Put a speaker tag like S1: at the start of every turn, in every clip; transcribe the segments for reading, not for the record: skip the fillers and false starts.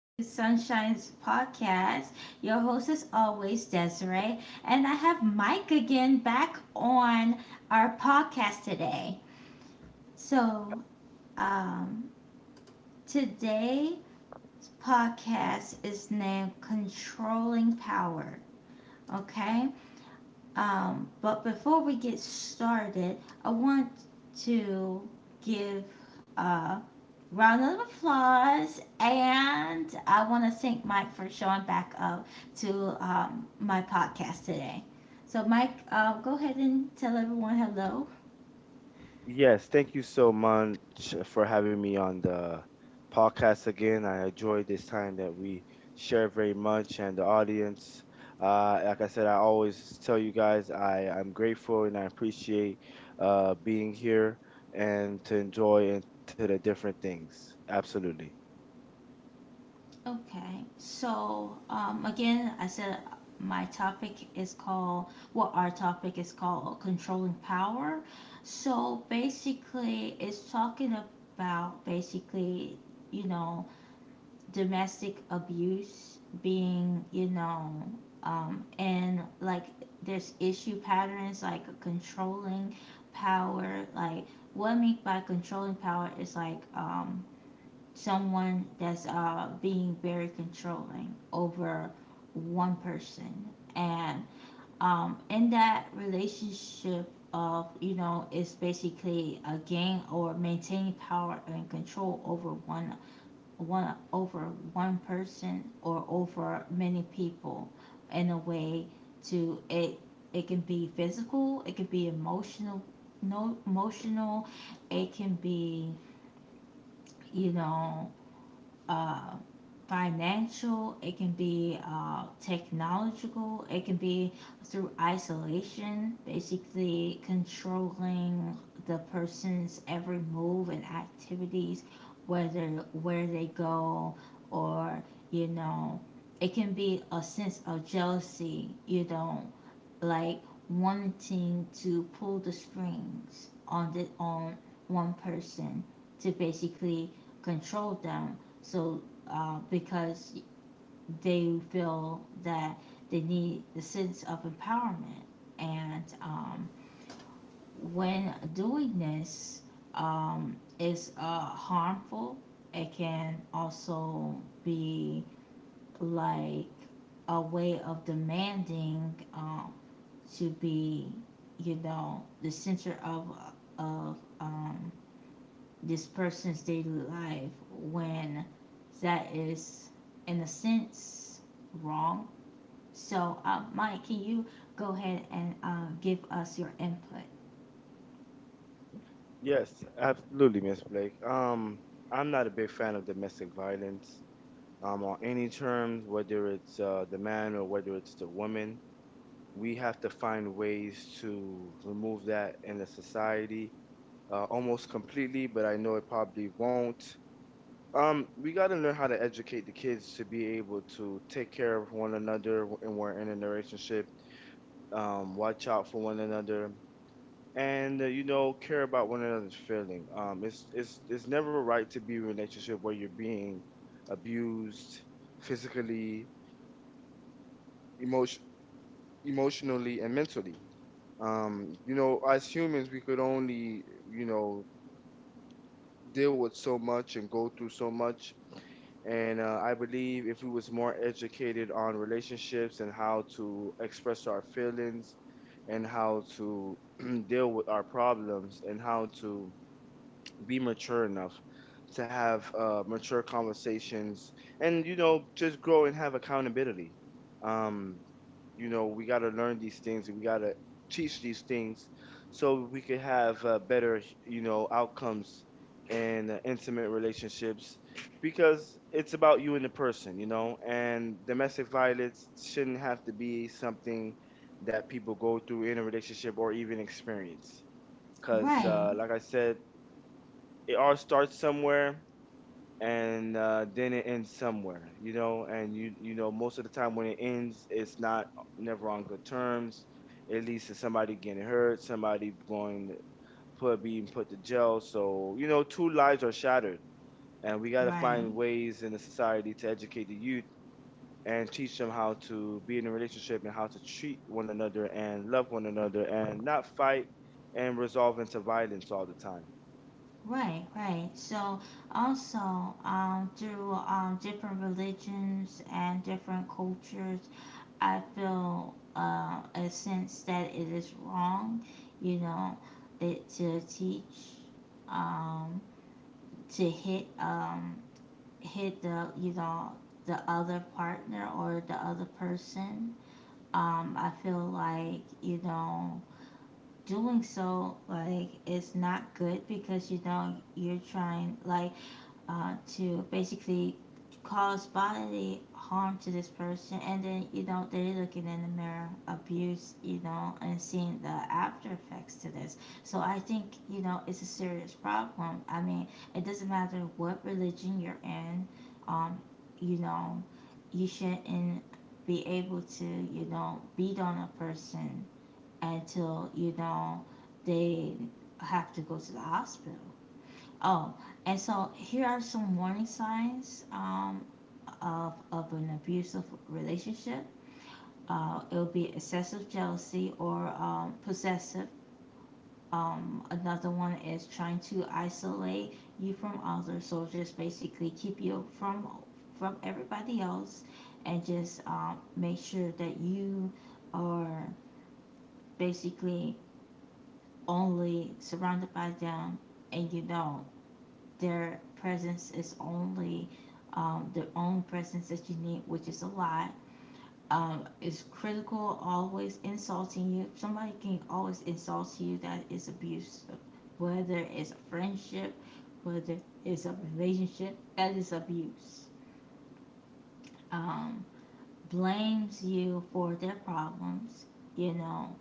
S1: to Sunshine's podcast. Your host is always Desiree, and I have Mike again back on our podcast today. So, um, today's podcast is named Controlling Power. Okay. But before we get started, I want to give a round of applause, and I want to thank Mike for showing back up to my podcast today. So, Mike, go ahead and tell everyone hello.
S2: Yes, thank you so much for having me on the podcast again. I enjoyed this time that we share very much and the audience. Like I said, I always tell you guys I'm grateful and I appreciate being here and to enjoy and to the different things. Absolutely.
S1: Okay, so again, I said my topic is called, well, our topic is called controlling power. So basically, it's talking about, basically, you know, domestic abuse being, and like there's issue patterns like controlling power. Like, what I mean by controlling power is, like, someone that's being very controlling over one person, and in that relationship of, you know, it's basically a gain or maintaining power and control over one, over one person or over many people in a way to It can be physical, it can be emotional, no, emotional, it can be, you know, uh, financial, it can be technological, it can be through isolation, basically controlling the person's every move and activities, whether where they go, or, you know, it can be a sense of jealousy, you know, like wanting to pull the strings on the on one person to basically control them. So because they feel that they need the sense of empowerment, and when doing this, it's harmful. It can also be, like, a way of demanding, to be, you know, the center of, this person's daily life, when that is, in a sense, wrong. So, Mike, can you go ahead and give us your input?
S2: Yes, absolutely, Miss Blake. I'm not a big fan of domestic violence on any terms, whether it's the man or whether it's the woman. We have to find ways to remove that in the society almost completely, but I know it probably won't. We got to learn how to educate the kids to be able to take care of one another when we're in a relationship, watch out for one another, and you know, care about one another's feeling. It's never right to be in a relationship where you're being abused physically, emotion, emotionally, and mentally. You know, as humans we could only, you know, deal with so much and go through so much, and I believe if we was more educated on relationships and how to express our feelings and how to deal with our problems and how to be mature enough to have mature conversations and, you know, just grow and have accountability. um, you know, we got to learn these things and we got to teach these things so we could have better, you know, outcomes in intimate relationships, because it's about you and the person, you know. And domestic violence shouldn't have to be something that people go through in a relationship or even experience, because
S1: Right,
S2: like I said, it all starts somewhere and then it ends somewhere. You know, and you know, most of the time when it ends, it's not never on good terms. It leads to somebody getting hurt, somebody going put being put to jail. So, you know, two lives are shattered, and we got to
S1: right,
S2: find ways in the society to educate the youth and teach them how to be in a relationship and how to treat one another and love one another and not fight and resolve into violence all the time.
S1: right, right. So, also, through different religions and different cultures, I feel a sense that it is wrong, you know, that to teach, um, to hit the, you know, the other partner, or the other person. I feel like, you know, doing so, like, it's not good because, you know, you're trying, like, to basically cause bodily harm to this person, and then, you know, they're looking in the mirror abuse, you know, and seeing the after effects to this. So I think, you know, it's a serious problem. I mean, it doesn't matter what religion you're in. um you know, you shouldn't be able to, you know, beat on a person until, you know, they have to go to the hospital. Oh, and so here are some warning signs of an abusive relationship. It will be excessive jealousy or, possessive. Another one is trying to isolate you from others, so just basically keep you from everybody else, and just make sure that you are basically only surrounded by them, and, you know, their presence is only, their own presence that you need, which is a lot. Is critical, always insulting you. Somebody can always insult you. That is abusive. Whether it's a friendship, whether it's a relationship, that is abuse. Um, blames you for their problems. You know,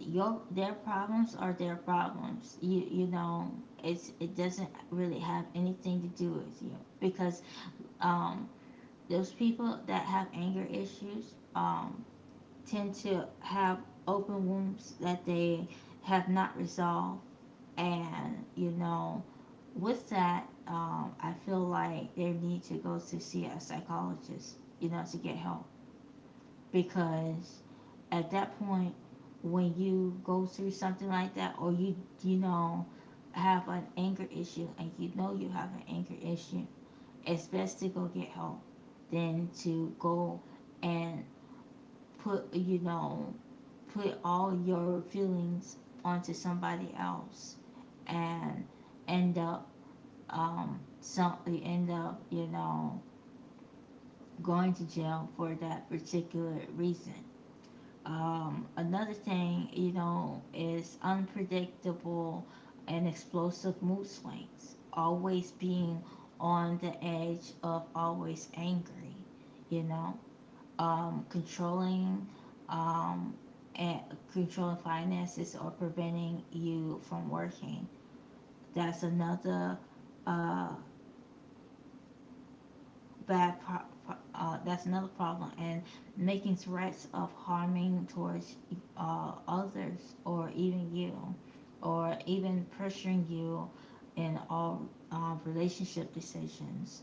S1: your their problems are their problems. You know, it's it doesn't really have anything to do with you, because, Um, those people that have anger issues tend to have open wounds that they have not resolved. And, you know, with that, I feel like they need to go to see a psychologist, you know, to get help. Because at that point, when you go through something like that, or you know, have an anger issue, and you know you have an anger issue, it's best to go get help than to go and put, you know, put all your feelings onto somebody else, and end up um some end up, you know, going to jail for that particular reason. Another thing, you know, is unpredictable and explosive mood swings, always being on the edge of, always angry, you know, controlling, um, and controlling finances or preventing you from working. That's another uh, bad pro- pro- uh, that's another problem, and making threats of harming towards others, or even you, or even pressuring you in all relationship decisions.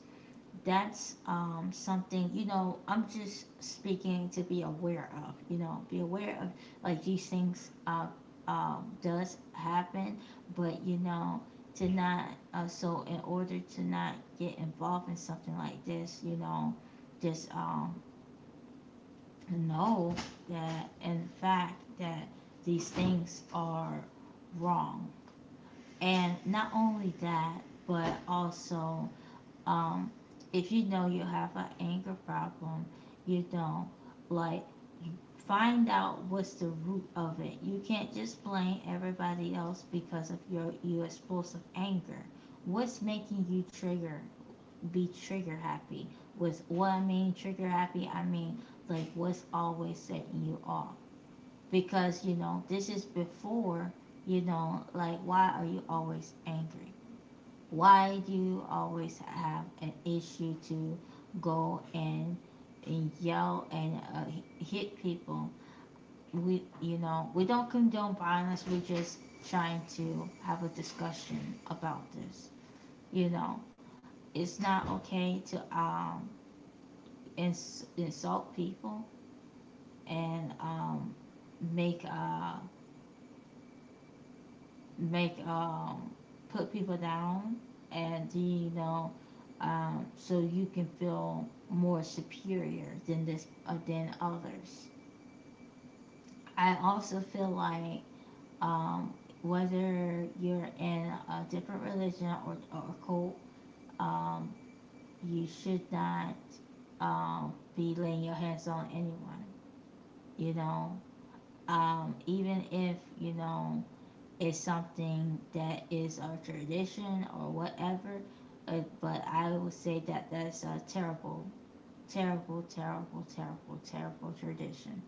S1: That's something, you know, I'm just speaking to be aware of. You know, be aware of, like, these things does happen, but, you know, to not so in order to not get involved in something like this, you know, just know that, in fact, that these things are wrong. And not only that, but also, um, if you know you have an anger problem, you don't, like, find out what's the root of it. You can't just blame everybody else because of your explosive anger. What's making you trigger happy? With what I mean trigger happy, I mean, like, what's always setting you off. Because, you know, this is before, you know, like, why are you always angry? Why do you always have an issue to go and yell and hit people? We You know, we don't condone violence, we're just trying to have a discussion about this, you know. It's not okay to insult people, and make make put people down, and, you know, so you can feel more superior than this than others. I also feel like, um whether you're in a different religion or a cult, um you should not be laying your hands on anyone, you know, even if, you know, is something that is a tradition or whatever. But I would say that that's a terrible, terrible, terrible, terrible, terrible tradition,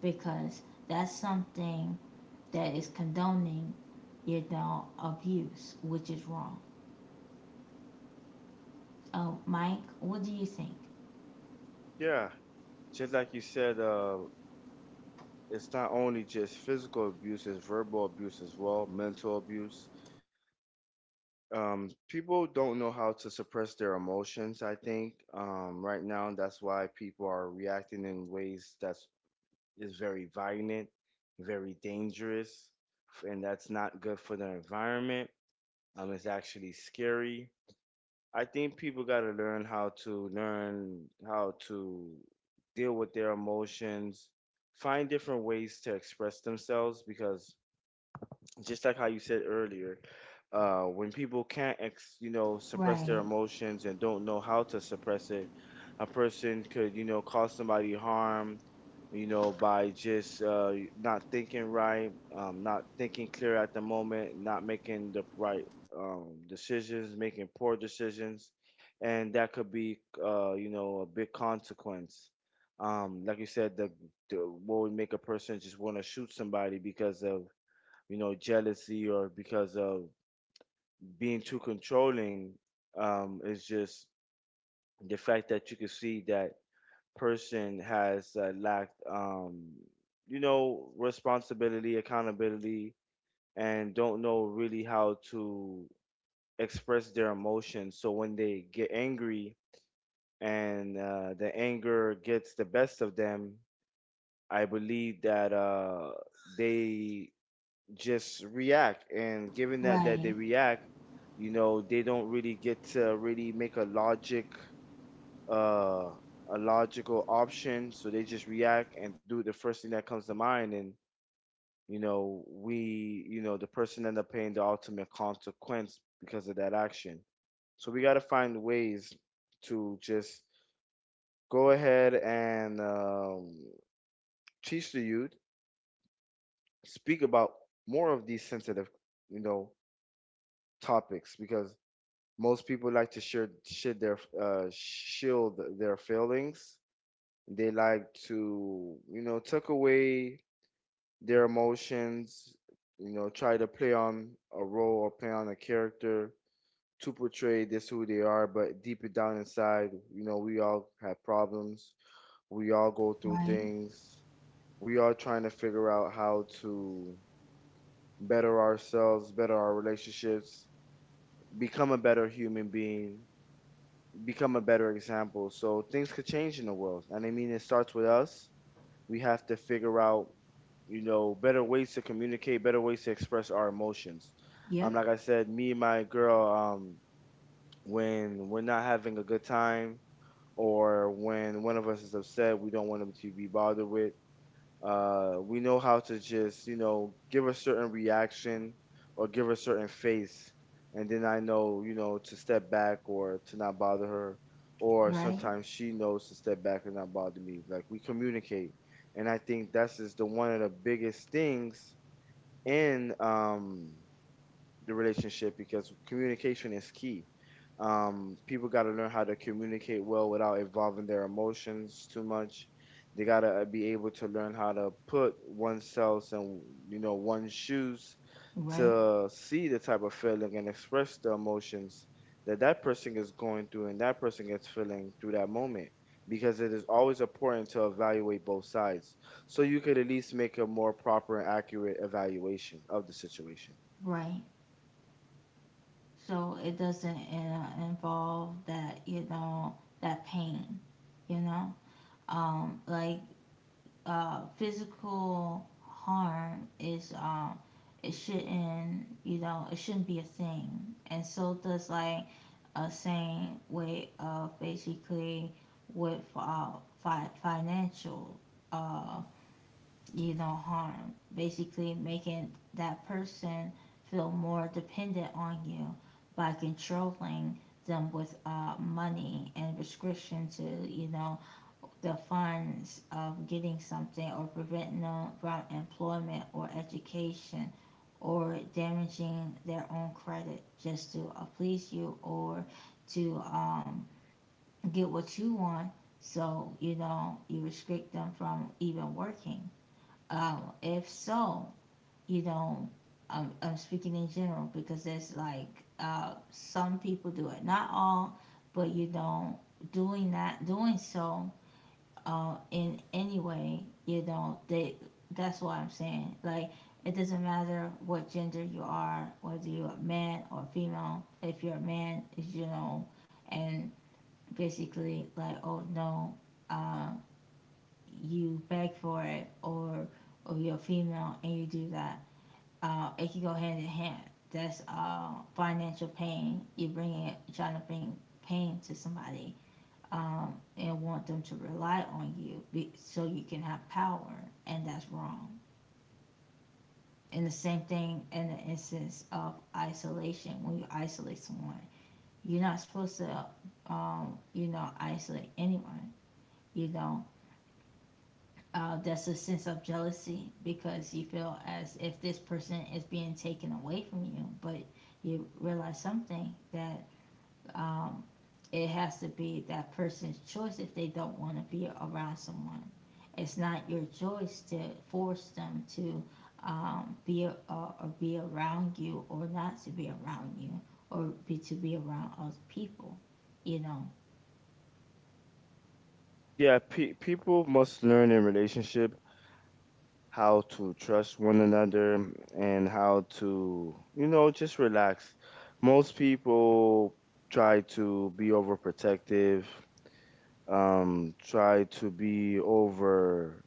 S1: because that's something that is condoning, you know, abuse, which is wrong. Oh, Mike, what do you think?
S2: Yeah, just like you said, it's not only just physical abuse, it's verbal abuse as well, mental abuse. People don't know how to suppress their emotions, I think. Right now, that's why people are reacting in ways that's is very violent, very dangerous, and that's not good for the environment. It's actually scary. I think people got to learn how to deal with their emotions, find different ways to express themselves, because just like how you said earlier, when people can't, you know, suppress their
S1: Right,
S2: emotions and don't know how to suppress it, a person could, you know, cause somebody harm, you know, by just not thinking right, not thinking clear at the moment, not making the right decisions, making poor decisions, and that could be, you know, a big consequence. Like you said, the what would make a person just want to shoot somebody because of, you know, jealousy or because of being too controlling. It's just the fact that you can see that person has lacked, you know, responsibility, accountability, and don't know really how to express their emotions. So when they get angry and the anger gets the best of them, I believe that they just react, and given that they
S1: right,
S2: react, you know, they don't really get to really make a logic uh a logical option. So they just react and do the first thing that comes to mind, and you know, we you know, the person end up paying the ultimate consequence because of that action. So we got to find ways to just go ahead and teach the youth, speak about more of these sensitive, you know, topics. Because most people like to share, shit their shield their feelings. They like to, you know, tuck away their emotions. You know, try to play on a role or play on a character to portray this who they are. But deeper down inside, you know, we all have problems. We all go through
S1: right.
S2: things. We all trying to figure out how to better ourselves, better our relationships, become a better human being, become a better example, so things could change in the world. And I mean, it starts with us. We have to figure out, you know, better ways to communicate, better ways to express our emotions.
S1: Yep,
S2: Like I said, me and my girl, when we're not having a good time, or when one of us is upset, we don't want them to be bothered with. We know how to just, you know, give a certain reaction or give a certain face, and then I know, you know, to step back or to not bother her, or
S1: right,
S2: sometimes she knows to step back and not bother me. Like, we communicate, and I think that's just the one of the biggest things in the relationship, because communication is key. People got to learn how to communicate well without involving their emotions too much. They got to be able to learn how to put oneself in, you know, one's shoes,
S1: right,
S2: to see the type of feeling and express the emotions that that person is going through and that person is feeling through that moment, because it is always important to evaluate both sides so you could at least make a more proper and accurate evaluation of the situation.
S1: right. So it doesn't involve that, you know, that pain, you know? um, like physical harm is, it shouldn't be a thing, and so does, like, a same way of basically with, financial, uh, you know, harm, basically making that person feel more dependent on you by controlling them with, money, and restriction to, you know, the funds of getting something, or preventing them from employment or education, or damaging their own credit, just to please you, or to, get what you want. So, you know, you restrict them from even working. If so, you know, I'm speaking in general, because there's, like, some people do it, not all, but, you know, doing that, doing so, in any way. You know, they. That's what I'm saying. Like, it doesn't matter what gender you are, whether you're a man or a female. If you're a man, you know, and basically, like, oh no, uh, you beg for it, or you're female and you do that. It can go hand in hand. That's financial pain. You're bringing, trying to bring pain to somebody, and want them to rely on you be, so you can have power, and that's wrong. And the same thing in the instance of isolation, when you isolate someone, you're not supposed to, you know, isolate anyone. You know, that's a sense of jealousy because you feel as if this person is being taken away from you, but you realize something, that, um, it has to be that person's choice if they don't want to be around someone. It's not your choice to force them to, be or be around you, or not to be around you, or be to be around other people. You know,
S2: Yeah, people must learn in relationship how to trust one another and how to, you know, just relax. Most people try to be overprotective, try to be over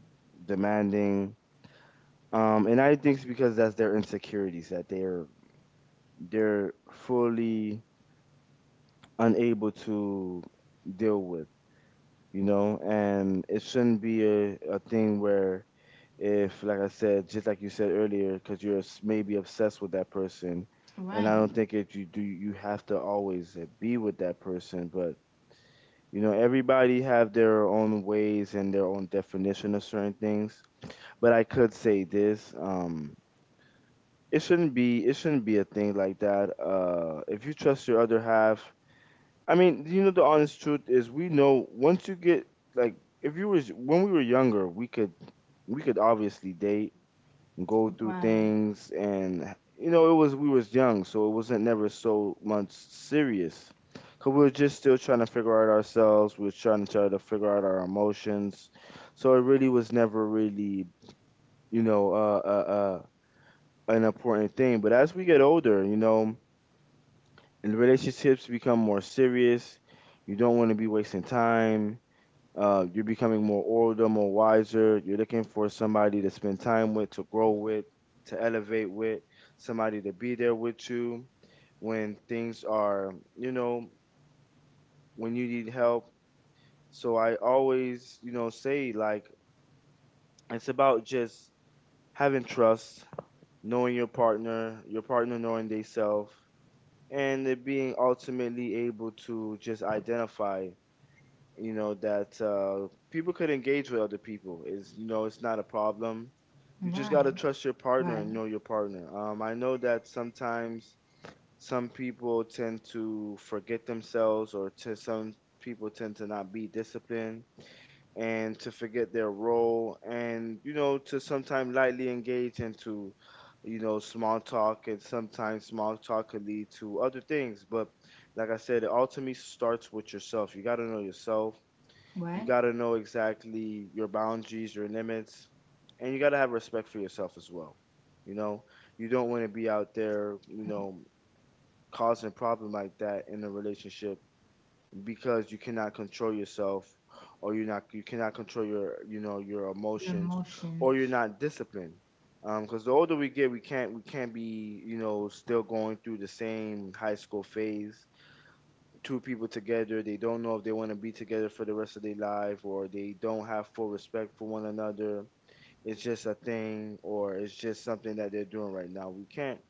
S2: demanding. And I think it's because that's their insecurities that they're fully unable to deal with. You know, and it shouldn't be a thing where if, like I said, just like you said earlier, because maybe obsessed with that person, and
S1: right,
S2: I don't think if you do, you have to always be with that person. But you know, everybody have their own ways and their own definition of certain things. But I could say this: it shouldn't be a thing like that. If you trust your other half, I mean, you know, the honest truth is, we know once you get like, if you was when we were younger, we could obviously date and go through
S1: right,
S2: things, and you know, it was, we was young, so it wasn't never so much serious. Cause we were just still trying to figure out ourselves. We were try to figure out our emotions, so it really was never really, you know, an important thing. But as we get older, you know, and relationships become more serious. You don't want to be wasting time. You're becoming more older, more wiser. You're looking for somebody to spend time with, to grow with, to elevate with, somebody to be there with you when things are, you know, when you need help. So I always, you know, say like, it's about just having trust, knowing your partner knowing they self, and it being ultimately able to just identify, you know, that people could engage with other people, is, you know, it's not a problem. You just got to
S1: right,
S2: trust your partner and
S1: right,
S2: know your partner. I know that sometimes some people tend to forget themselves, or to some people tend to not be disciplined and to forget their role, and you know, to sometimes lightly engage into, you know, small talk, and sometimes small talk could lead to other things. But like I said, it ultimately starts with yourself. You got to know yourself, you
S1: right,
S2: got to know exactly your boundaries, your limits, and you got to have respect for yourself as well. You know, you don't want to be out there, you
S1: right.
S2: know, causing a problem like that in a relationship because you cannot control yourself, or you cannot control your, you know, your
S1: Your
S2: emotions, or you're
S1: emotions,
S2: not disciplined. Because the older we get, we can't be, you know, still going through the same high school phase. Two people together, they don't know if they want to be together for the rest of their life, or they don't have full respect for one another. It's just a thing, or it's just something that they're doing right now. We can't,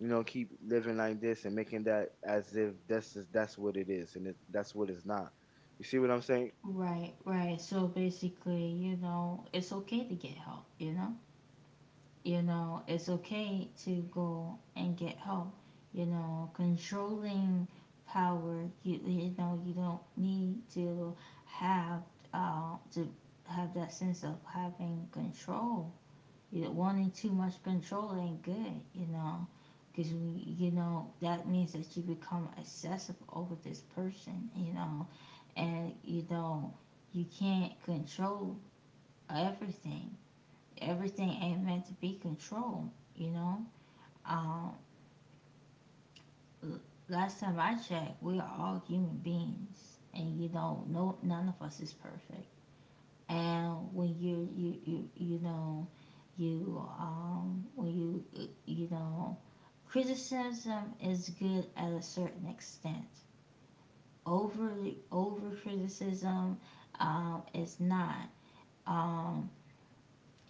S2: you know, keep living like this and making that as if that's what it is, and that's what it's not. You see what I'm saying?
S1: right, right. So basically, you know, it's okay to get help. You know, it's okay to go and get help. You know, controlling power, you know you don't need to have to have that sense of having control. You know, wanting too much control ain't good, you know, because, you know, that means that you become obsessive over this person, you know. And, you know, you can't control everything. Everything ain't meant to be controlled, you know? Um, last time I checked, we are all human beings. And, you know, no, none of us is perfect. And when you, you know, you, when you, you know, criticism is good at a certain extent. Overly, over criticism, is not. Um,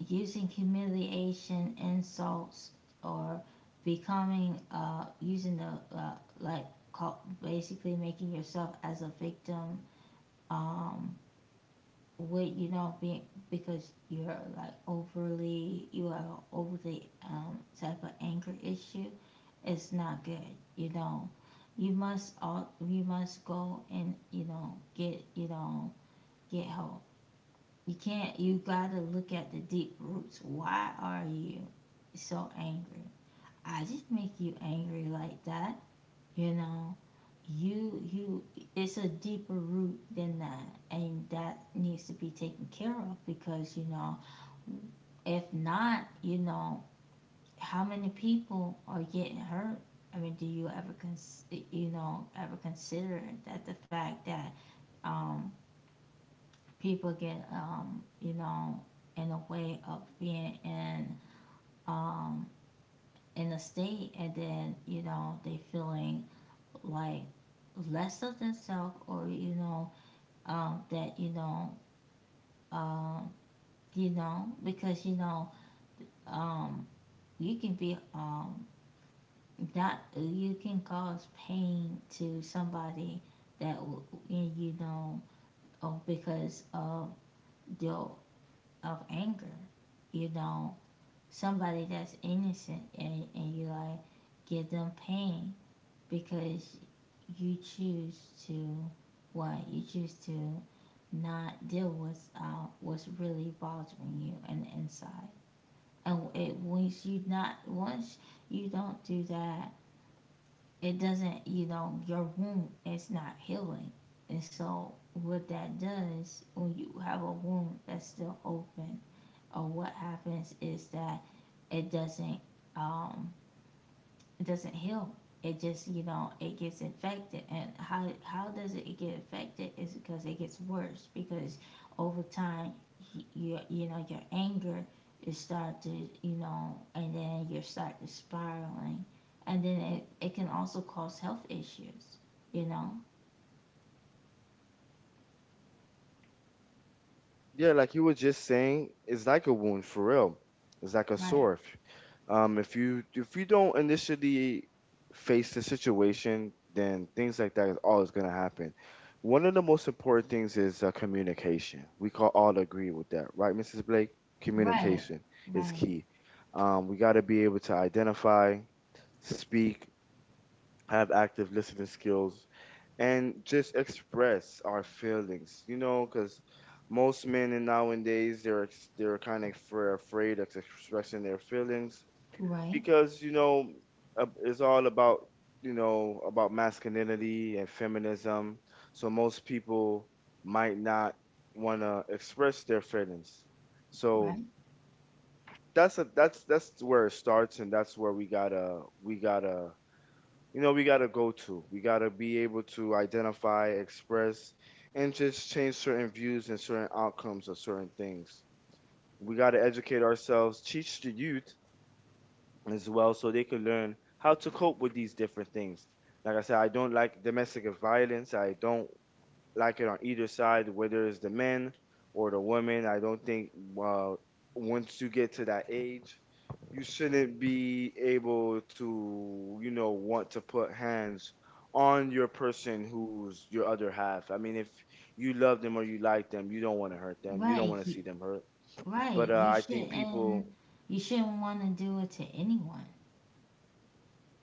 S1: using humiliation, insults, or becoming using the, like, call, basically making yourself as a victim, um, with, you know, being, because you're, like, overly, you have an overly, type of anger issue. It's not good, you know. You must go and, you know, get, you know, get help. You can't, you gotta look at the deep roots. Why are you so angry? I just make you angry like that, you know? You, you, it's a deeper root than that, and that needs to be taken care of because, if not, how many people are getting hurt? I mean, do you ever, ever consider that the fact that um, people get in a way of being in, um, in a state, and then they feeling like less of themselves, or um, that you know um, you know because you know um, you can be, not, you can cause pain to somebody, that w- you know oh, because of your, of anger, you know somebody that's innocent, and you like give them pain, because you choose to, what you choose to not deal with what's really bothering you on the inside. And it, once you, not once, you don't do that, it doesn't, Your wound is not healing. And so what that does, when you have a wound that's still open, or what happens, is that it doesn't, um doesn't heal. It just, it gets infected. And how does it get infected? Is because it gets worse, because over time you know your anger is start to, and then you start to spiraling, and then it can also cause health issues. You know.
S2: Yeah, like you were just saying, it's like a wound for real. It's like a
S1: Right.
S2: sore. If you if you don't initially face the situation, then things like that is always gonna happen. One of the most important things is communication. We can all agree with that, right, Mrs. Blake?
S1: Right.
S2: Communication is
S1: Right.
S2: key. We got to be able to identify, speak, have active listening skills, and just express our feelings. You know, because most men in nowadays they're kind of afraid of expressing their feelings
S1: Right.
S2: because it's all about about masculinity and feminism. So most people might not want to express their feelings. So
S1: Right.
S2: that's a that's that's where it starts, and that's where we gotta you know, we got to go to. We got to be able to identify, express, and just change certain views and certain outcomes of certain things. We got to educate ourselves, teach the youth as well so they can learn how to cope with these different things. Like I said, I don't like domestic violence. I don't like it on either side, whether it's the men or the women. I don't think uh, once you get to that age, you shouldn't be able to, you know, want to put hands on your person who's your other half. I mean, if you love them or you like them, you don't want to hurt them. You don't
S1: Right.
S2: want to see them hurt. But
S1: Right. You
S2: I think people.
S1: shouldn't. You shouldn't want to do it to anyone.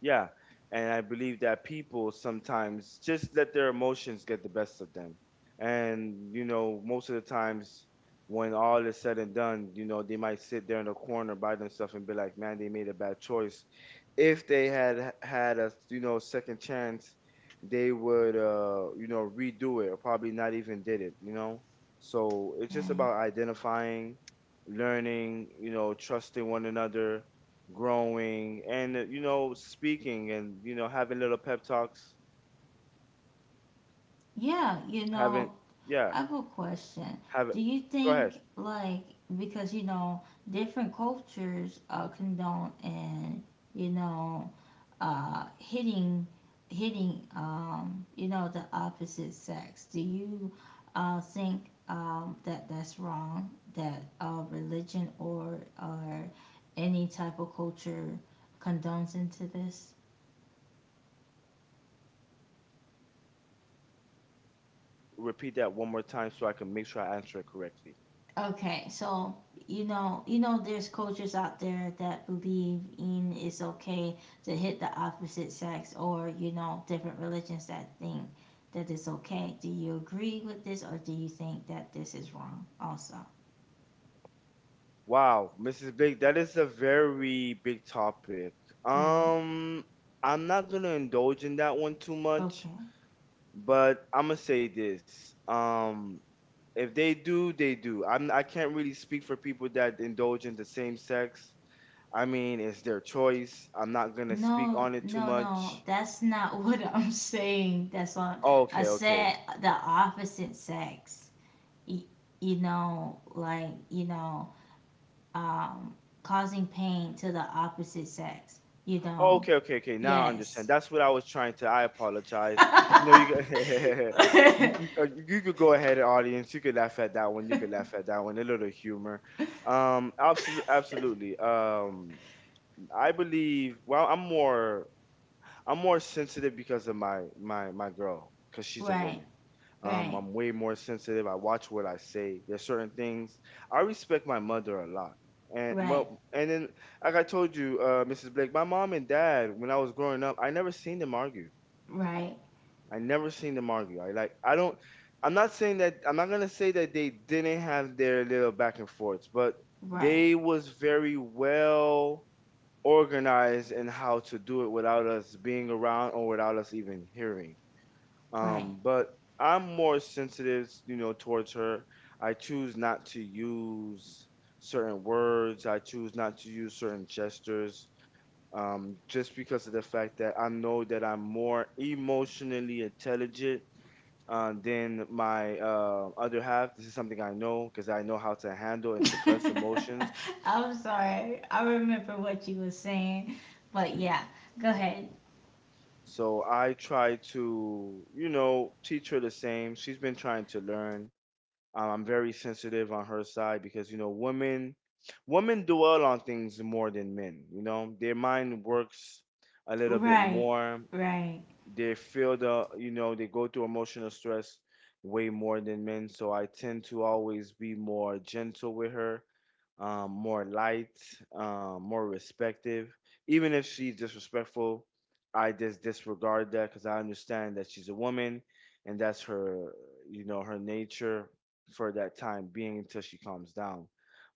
S2: Yeah. And I believe that people sometimes just let their emotions get the best of them. And, you know, most of the times when all is said and done, you know, they might sit there in the corner by themselves and be like, man, they made a bad choice. If they had had a, you know, second chance, they would, you know, redo it or probably not even did it, you know? So it's just
S1: Right.
S2: about identifying, learning, you know, trusting one another, growing and you know, speaking and you know having little pep talks,
S1: Yeah,
S2: having, yeah,
S1: I have a question.
S2: have it.
S1: Do you
S2: Go ahead.
S1: think, like, because, you know, different cultures condone and, you know, hitting, the opposite sex? Do you think that that's wrong? That religion, or, any type of culture condones into this?
S2: Repeat that one more time so I can make sure I answer it correctly.
S1: Okay, so there's cultures out there that believe in it's okay to hit the opposite sex, or you know, different religions that think that it's okay. Do you agree with this, or do you think that this is wrong? Also,
S2: Wow, Mrs. Blake, that is a very big topic.
S1: right?
S2: um I'm not gonna indulge in that one too much,
S1: Okay.
S2: but I'm gonna say this. If they do, they do. I can't really speak for people that indulge in the same sex. I mean, it's their choice. I'm not gonna speak
S1: No,
S2: on it too
S1: no, no.
S2: much.
S1: That's not what I'm saying. That's what I
S2: Okay, okay.
S1: said. The opposite sex. Y- like, um, causing pain to the opposite sex. You
S2: Oh,
S1: know,
S2: okay, okay, okay. Now I understand.
S1: yes.
S2: That's what I was trying to. I apologize. You know, you
S1: Right,
S2: go- you could go ahead, audience. You could laugh at that one. You could laugh at that one. A little humor. Absolutely, absolutely. I believe. Well, I'm more. I'm more sensitive because of my girl, because she's a woman.
S1: right,
S2: I'm way more sensitive. I watch what I say. There's certain things. I respect my mother a lot, and
S1: right,
S2: well, and then like I told you, Mrs. Blake, my mom and dad, when I was growing up, I never seen them argue.
S1: right,
S2: I never seen them argue. I like I don't. I'm not saying that. I'm not gonna say that they didn't have their little back and forths, but
S1: right,
S2: they was very well organized in how to do it without us being around or without us even hearing.
S1: right.
S2: But I'm more sensitive, you know, towards her. I choose not to use certain words. I choose not to use certain gestures, just because of the fact that I know that I'm more emotionally intelligent, than my other half. This is something I know because I know how to handle and suppress emotions.
S1: I'm sorry. I remember what you were saying, but yeah, go ahead.
S2: So I try to, you know, teach her the same. She's been trying to learn. I'm very sensitive on her side because, you know, women dwell on things more than men, you know. Their mind works a little bit
S1: Right,
S2: more.
S1: right.
S2: They feel the you know they go through emotional stress way more than men, so I tend to always be more gentle with her. More light. More respective, even if she's disrespectful. I just disregard that because I understand that she's a woman, and that's her, you know, her nature for that time being until she calms down.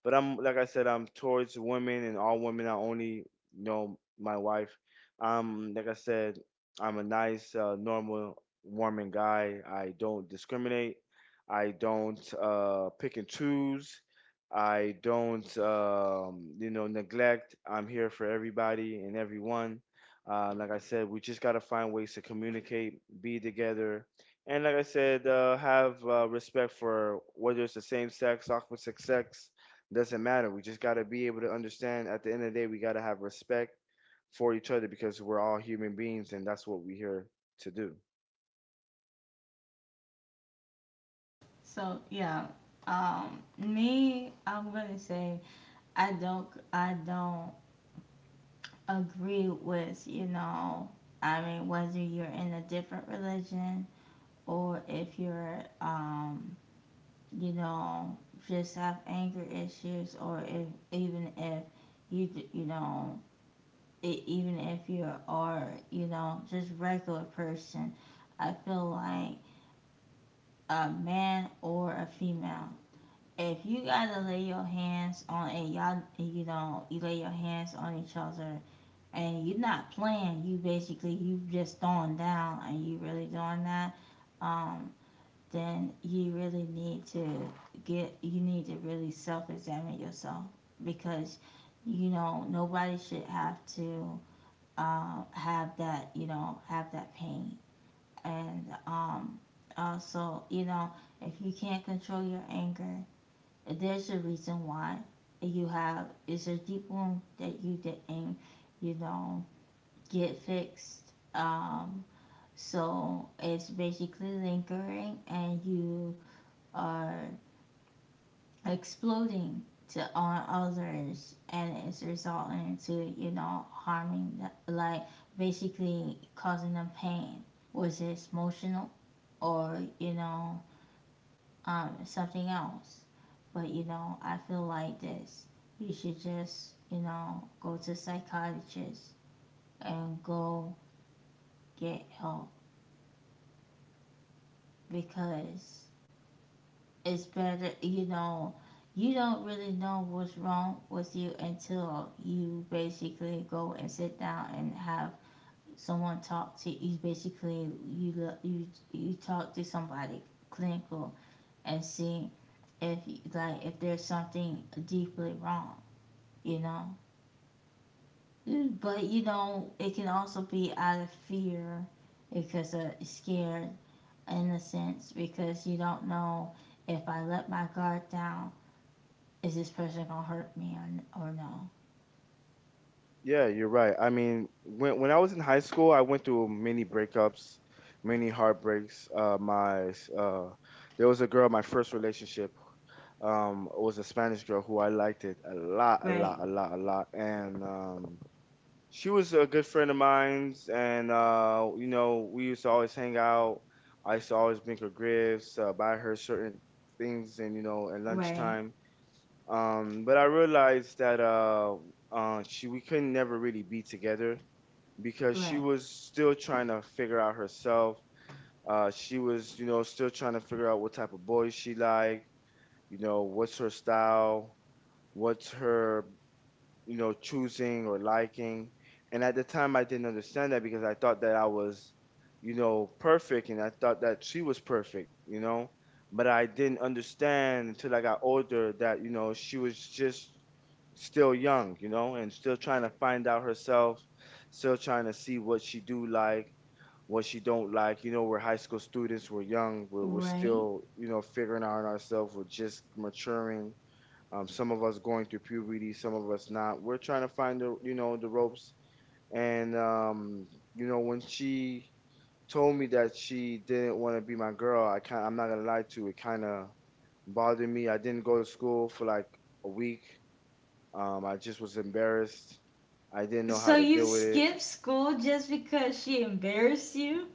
S2: But I'm like I said, I'm towards women and all women. I only know my wife. Like I said, I'm a nice, normal, warming guy. I don't discriminate. I don't pick and choose. I don't, you know, neglect. I'm here for everybody and everyone. Like I said, we just gotta find ways to communicate, be together, and like I said, have respect for whether it's the same sex, opposite sex, doesn't matter. We just gotta be able to understand. At the end of the day, we gotta have respect for each other because we're all human beings and that's what we're here to do.
S1: So yeah, me, I'm gonna say, I don't, I don't agree with, you know, I mean, whether you're in a different religion, or if you're, you know, just have anger issues, or if even if you, even if you are, you know, just regular person. I feel like a man or a female. If you gotta lay your hands on a y'all, you know, you lay your hands on each other, and you're not playing. You basically you just throwing down, and you really doing that. Um, then you really need to get, you need to really self-examine yourself, because you know nobody should have to have that, have that pain. And also, you know, if you can't control your anger, there's a reason why you have, it's a deep wound that you didn't, you know get fixed. So it's basically lingering, and you are exploding, to on others, and it's resulting to, you know, harming the, like, basically causing them pain. Was it emotional, or, you know, something else? But you know, I feel like this. You should just, you know, go to a psychiatrist and go get help, because it's better, you know, you don't really know what's wrong with you until you basically go and sit down and have someone talk to you. Basically, you you talk to somebody clinical, and see if, like, if there's something deeply wrong, you know. But you know, it can also be out of fear, because of scared, in a sense, because you don't know, if I let my guard down, is this person gonna hurt me, or no?
S2: Yeah, you're right. I mean, when I was in high school, I went through many breakups, many heartbreaks. My uh, there was a girl, my first relationship, was a Spanish girl who I liked it a lot, a
S1: Right,
S2: lot, a lot, a lot, and she was a good friend of mine. And you know, we used to always hang out. I used to always bring her gifts, buy her certain things, and you know, at
S1: right,
S2: lunchtime. But I realized that she we couldn't never really be together because she
S1: right,
S2: was still trying to figure out herself. She was, you know, still trying to figure out what type of boy she like, you know, what's her style, what's her, you know, choosing or liking. And at the time, I didn't understand that because I thought that I was, you know, perfect and I thought that she was perfect, you know. But I didn't understand until I got older that, you know, she was just still young, you know, and still trying to find out herself, still trying to see what she do like, what she don't like. You know, we're high school students, we're young, we're
S1: right.
S2: still, you know, figuring out ourselves, we're just maturing, some of us going through puberty, some of us not. We're trying to find the you know the ropes. And you know when she told me that she didn't want to be my girl, I'm not gonna lie to you, it kind of bothered me. I didn't go to school for like a week. I just was embarrassed. I didn't know
S1: So
S2: how to
S1: you
S2: deal with it.
S1: skip school just because she embarrassed you?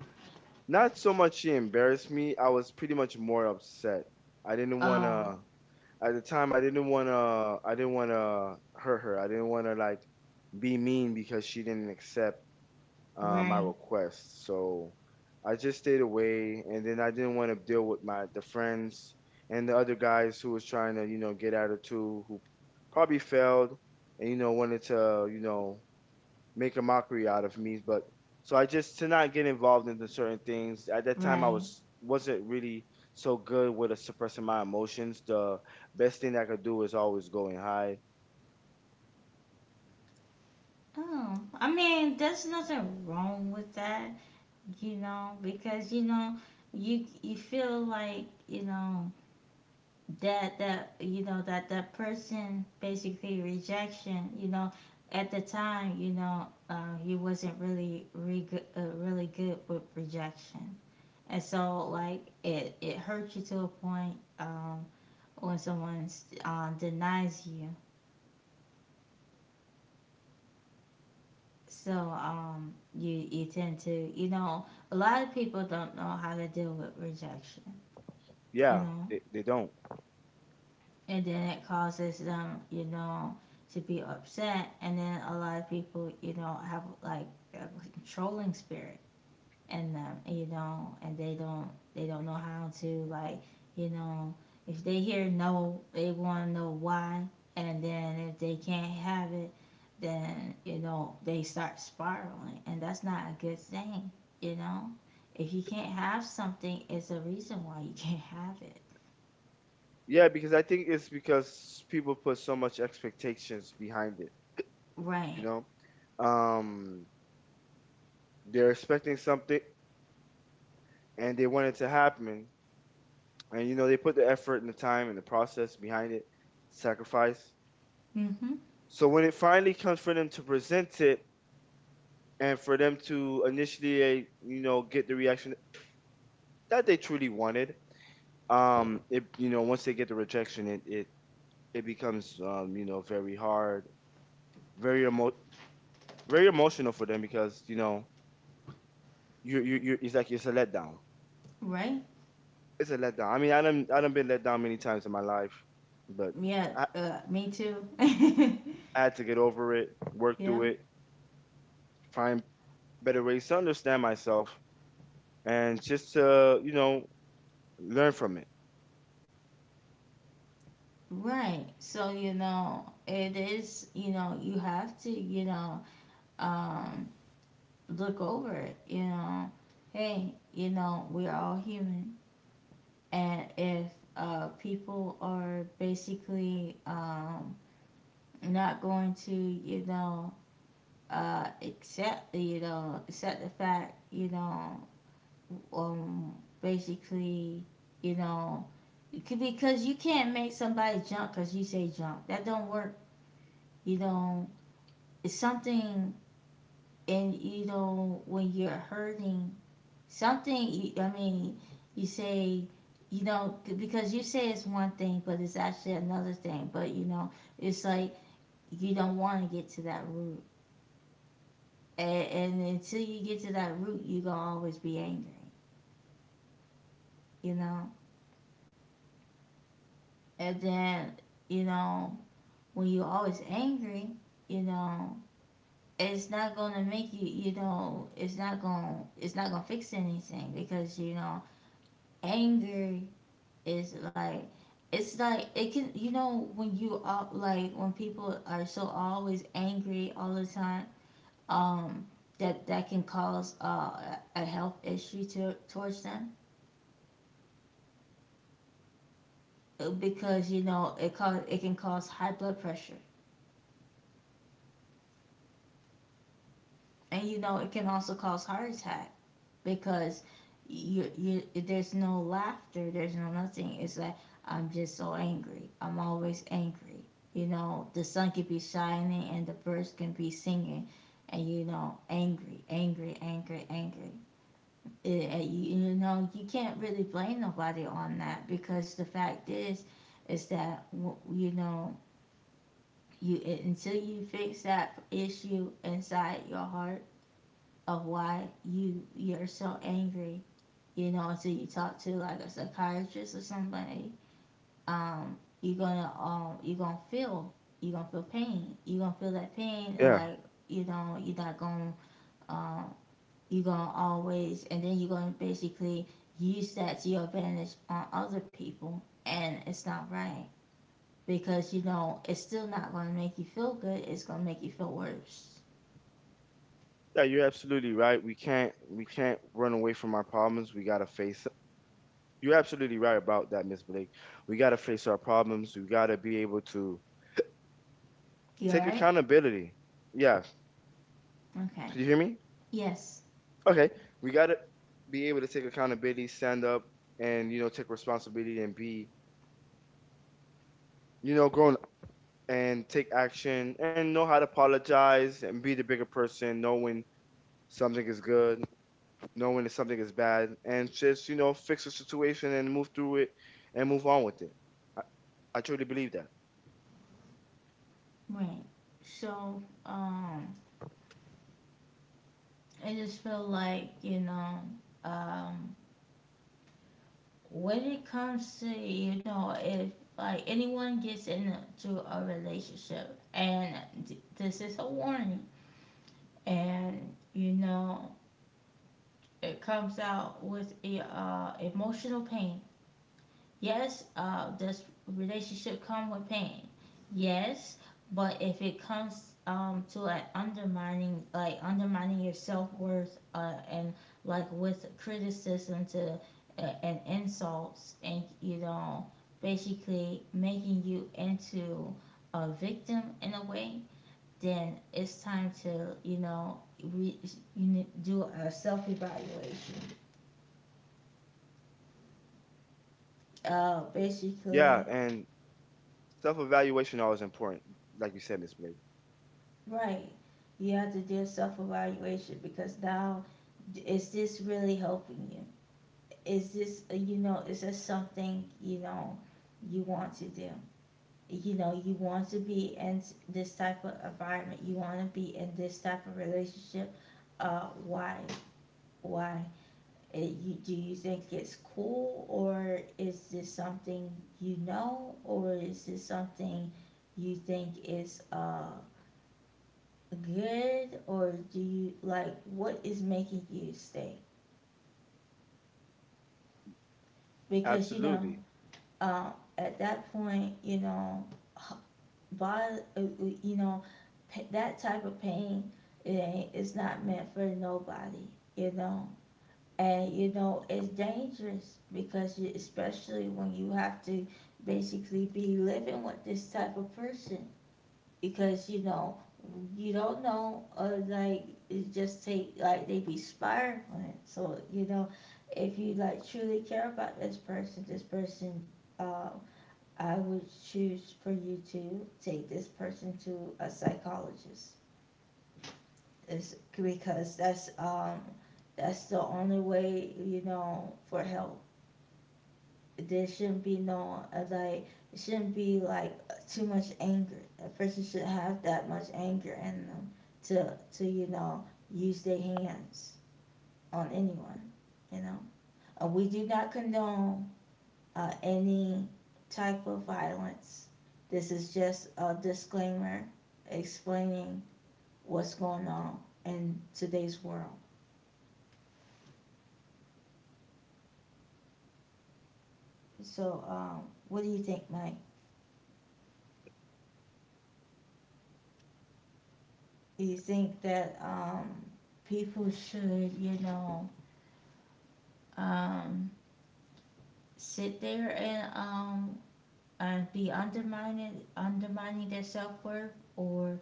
S2: Not so much she embarrassed me. I was pretty much more upset. I didn't want
S1: Oh,
S2: to, at the time I didn't want to hurt her. I didn't want to like be mean because she didn't accept my
S1: right,
S2: request. So I just stayed away, and then I didn't want to deal with my the friends and the other guys who was trying to you know get at her too, who probably failed and you know wanted to you know make a mockery out of me. But so I just to not get involved into certain things. At that time, I
S1: right.
S2: was wasn't really so good with suppressing my emotions. The best thing I could do is always going high.
S1: Oh, I mean, there's nothing wrong with that, you know, because you know, you feel like you know that that you know that that person basically rejection, you know, at the time, you know, you wasn't really really good with rejection, and so like it hurt you to a point, when someone denies you. So you tend to, you know, a lot of people don't know how to deal with rejection, you
S2: Yeah,
S1: know.
S2: they don't.
S1: And then it causes them, you know, to be upset. And then a lot of people, you know, have like a controlling spirit in them, you know, and they don't know how to like, you know, if they hear no, they want to know why. And then if they can't have it, then you know they start spiraling, and that's not a good thing, you know. If you can't have something, it's a reason why you can't have it,
S2: Yeah, because I think it's because people put so much expectations behind it. You
S1: right?
S2: know, um, they're expecting something and they want it to happen, and you know they put the effort and the time and the process behind it, sacrifice.
S1: Mm-hmm.
S2: So when it finally comes for them to present it, and for them to initially, you know, get the reaction that they truly wanted. It you know once they get the rejection, it becomes you know very hard, very emo very emotional for them because you know you it's like it's a letdown.
S1: Right.
S2: It's a letdown. I mean, I done been let down many times in my life, but
S1: Yeah,
S2: I
S1: me too.
S2: I had to get over it, work
S1: Yeah,
S2: through it, find better ways to understand myself, and just to you know learn from it.
S1: right. So, you know, it is, you know, you have to, you know, um, look over it, you know. Hey, you know, we're all human. And if people are basically not going to, you know, accept, you know, accept the fact, you know, um, basically, you know, because you can't make somebody jump because you say jump. That don't work. You know, it's something. And you know, when you're hurting, something. I mean, you say, you know, because you say it's one thing, but it's actually another thing. But you know, it's like you don't want to get to that root. And until you get to that root, you're gonna always be angry. You know. And then you know when you're always angry, you know, it's not gonna make you, you know, it's not gonna fix anything. Because you know, anger is like, it's like it can, you know, when you are like, when people are so always angry all the time, um, that can cause a health issue to towards them, because you know it cause it can cause high blood pressure. And you know it can also cause heart attack, because you there's no laughter, there's no nothing. It's like I'm just so angry. I'm always angry. You know, the sun can be shining and the birds can be singing, and you know, angry, angry, angry, angry. It, and you know, you can't really blame nobody on that, because the fact is that you know, you, until you fix that issue inside your heart, of why you're so angry, you know, until you talk to like a psychiatrist or somebody, you're gonna, you're gonna feel, you're gonna feel pain. You're gonna feel that pain and
S2: Yeah.
S1: like, you know, you're not gonna, um you're gonna always, and then you're gonna basically use that to your advantage on other people, and it's not right. Because you know, it's still not gonna make you feel good, it's gonna make you feel worse.
S2: Yeah, you're absolutely right. We can't run away from our problems. We gotta face. You're absolutely right about that, Miss Blake. We gotta face our problems. We gotta be able to
S1: You
S2: take
S1: alright?
S2: accountability. Yeah,
S1: Okay.
S2: could you hear me?
S1: Yes,
S2: Okay, we gotta be able to take accountability, stand up, and you know take responsibility and be you know grown and take action and know how to apologize and be the bigger person, know when something is good, knowing that something is bad and just you know fix the situation and move through it and move on with it. i, I truly believe that.
S1: right. So, I just feel like, you know, um, when it comes to, you know, if like anyone gets into a relationship, and this is a warning, and you know it comes out with emotional pain. Yes, does relationship come with pain? Yes, but if it comes to an undermining, like undermining your self worth, and like with criticism to, and insults, and you know, basically making you into a victim in a way, then it's time to, you know, you need do a self evaluation.
S2: Yeah,
S1: Basically,
S2: and self-evaluation always important, like you said, Miss Blake.
S1: right. You have to do a self evaluation, because now, is this really helping you? Is this, you know, is this something, you know, you want to do? You know, you want to be in this type of environment. You want to be in this type of relationship. Why? Why? You, do you think it's cool, or is this something you know, or is this something you think is good, or do you like what is making you stay. Because you know,
S2: Absolutely.
S1: um, at that point, you know, h- you know that type of pain, it ain't, it's not meant for nobody, you know. And you know, it's dangerous, because you, especially when you have to basically be living with this type of person, because you know you don't know, like, it just take like they be spiraling. So you know, if you like truly care about this person, uh, I would choose for you to take this person to a psychologist. It's because that's, that's the only way, you know, for help. There shouldn't be no, like, it shouldn't be like too much anger. A person should have that much anger in them, to you know use their hands on anyone. You know, we do not condone any type of violence. This is just a disclaimer explaining what's going on in today's world. So, what do you think, Mike? Do you think that people should, you know, um, sit there and be undermining their self worth, or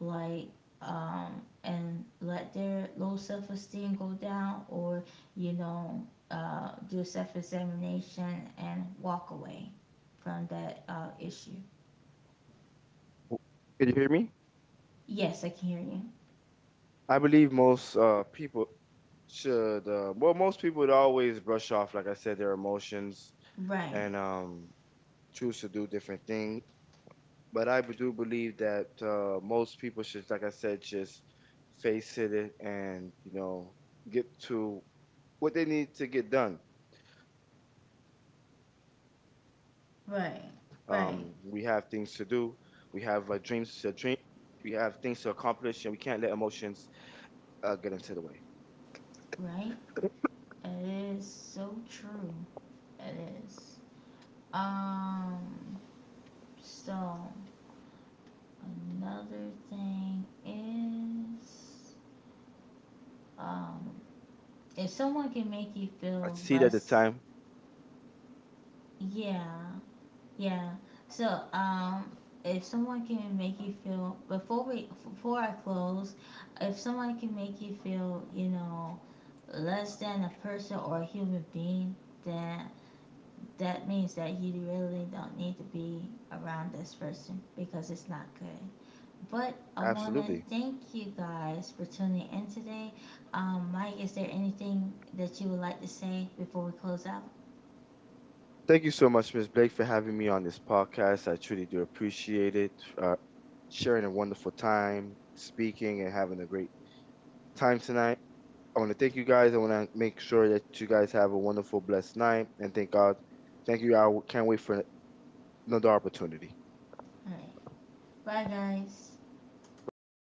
S1: like, and let their low self esteem go down, or you know, do self examination and walk away from that issue.
S2: W- can you hear me?
S1: Yes, I can hear you.
S2: I believe most people should, well, most people would always brush off like I said their emotions
S1: Right,
S2: and choose to do different things, but I do believe that most people should, like I said, just face it and you know get to what they need to get done. We have things to do, we have
S1: right,
S2: dreams to
S1: right,
S2: dream, we have things to accomplish, and we can't let emotions get into the way.
S1: right. It is so true. It is. Um. So, another thing is, um, if someone can
S2: I
S1: make
S2: see
S1: you
S2: that the
S1: feel
S2: time,
S1: less, yeah, yeah. So, if someone can make you feel, before I close, if someone can make you feel, you know, less than a person or a human being, then that means that you really don't need to be around this person because it's not good. But I want
S2: absolutely.
S1: to thank you guys for tuning in today. Mike, is there anything that you would like to say before we close out?
S2: Thank you so much, Ms. Blake, for having me on this podcast. I truly do appreciate it. Uh, Sharing a wonderful time, speaking, and having a great time tonight. I want to thank you guys. I want to make sure that you guys have a wonderful, blessed night. And thank God. Thank you. I can't wait for another opportunity.
S1: All right. Bye, guys.
S2: Bye bye.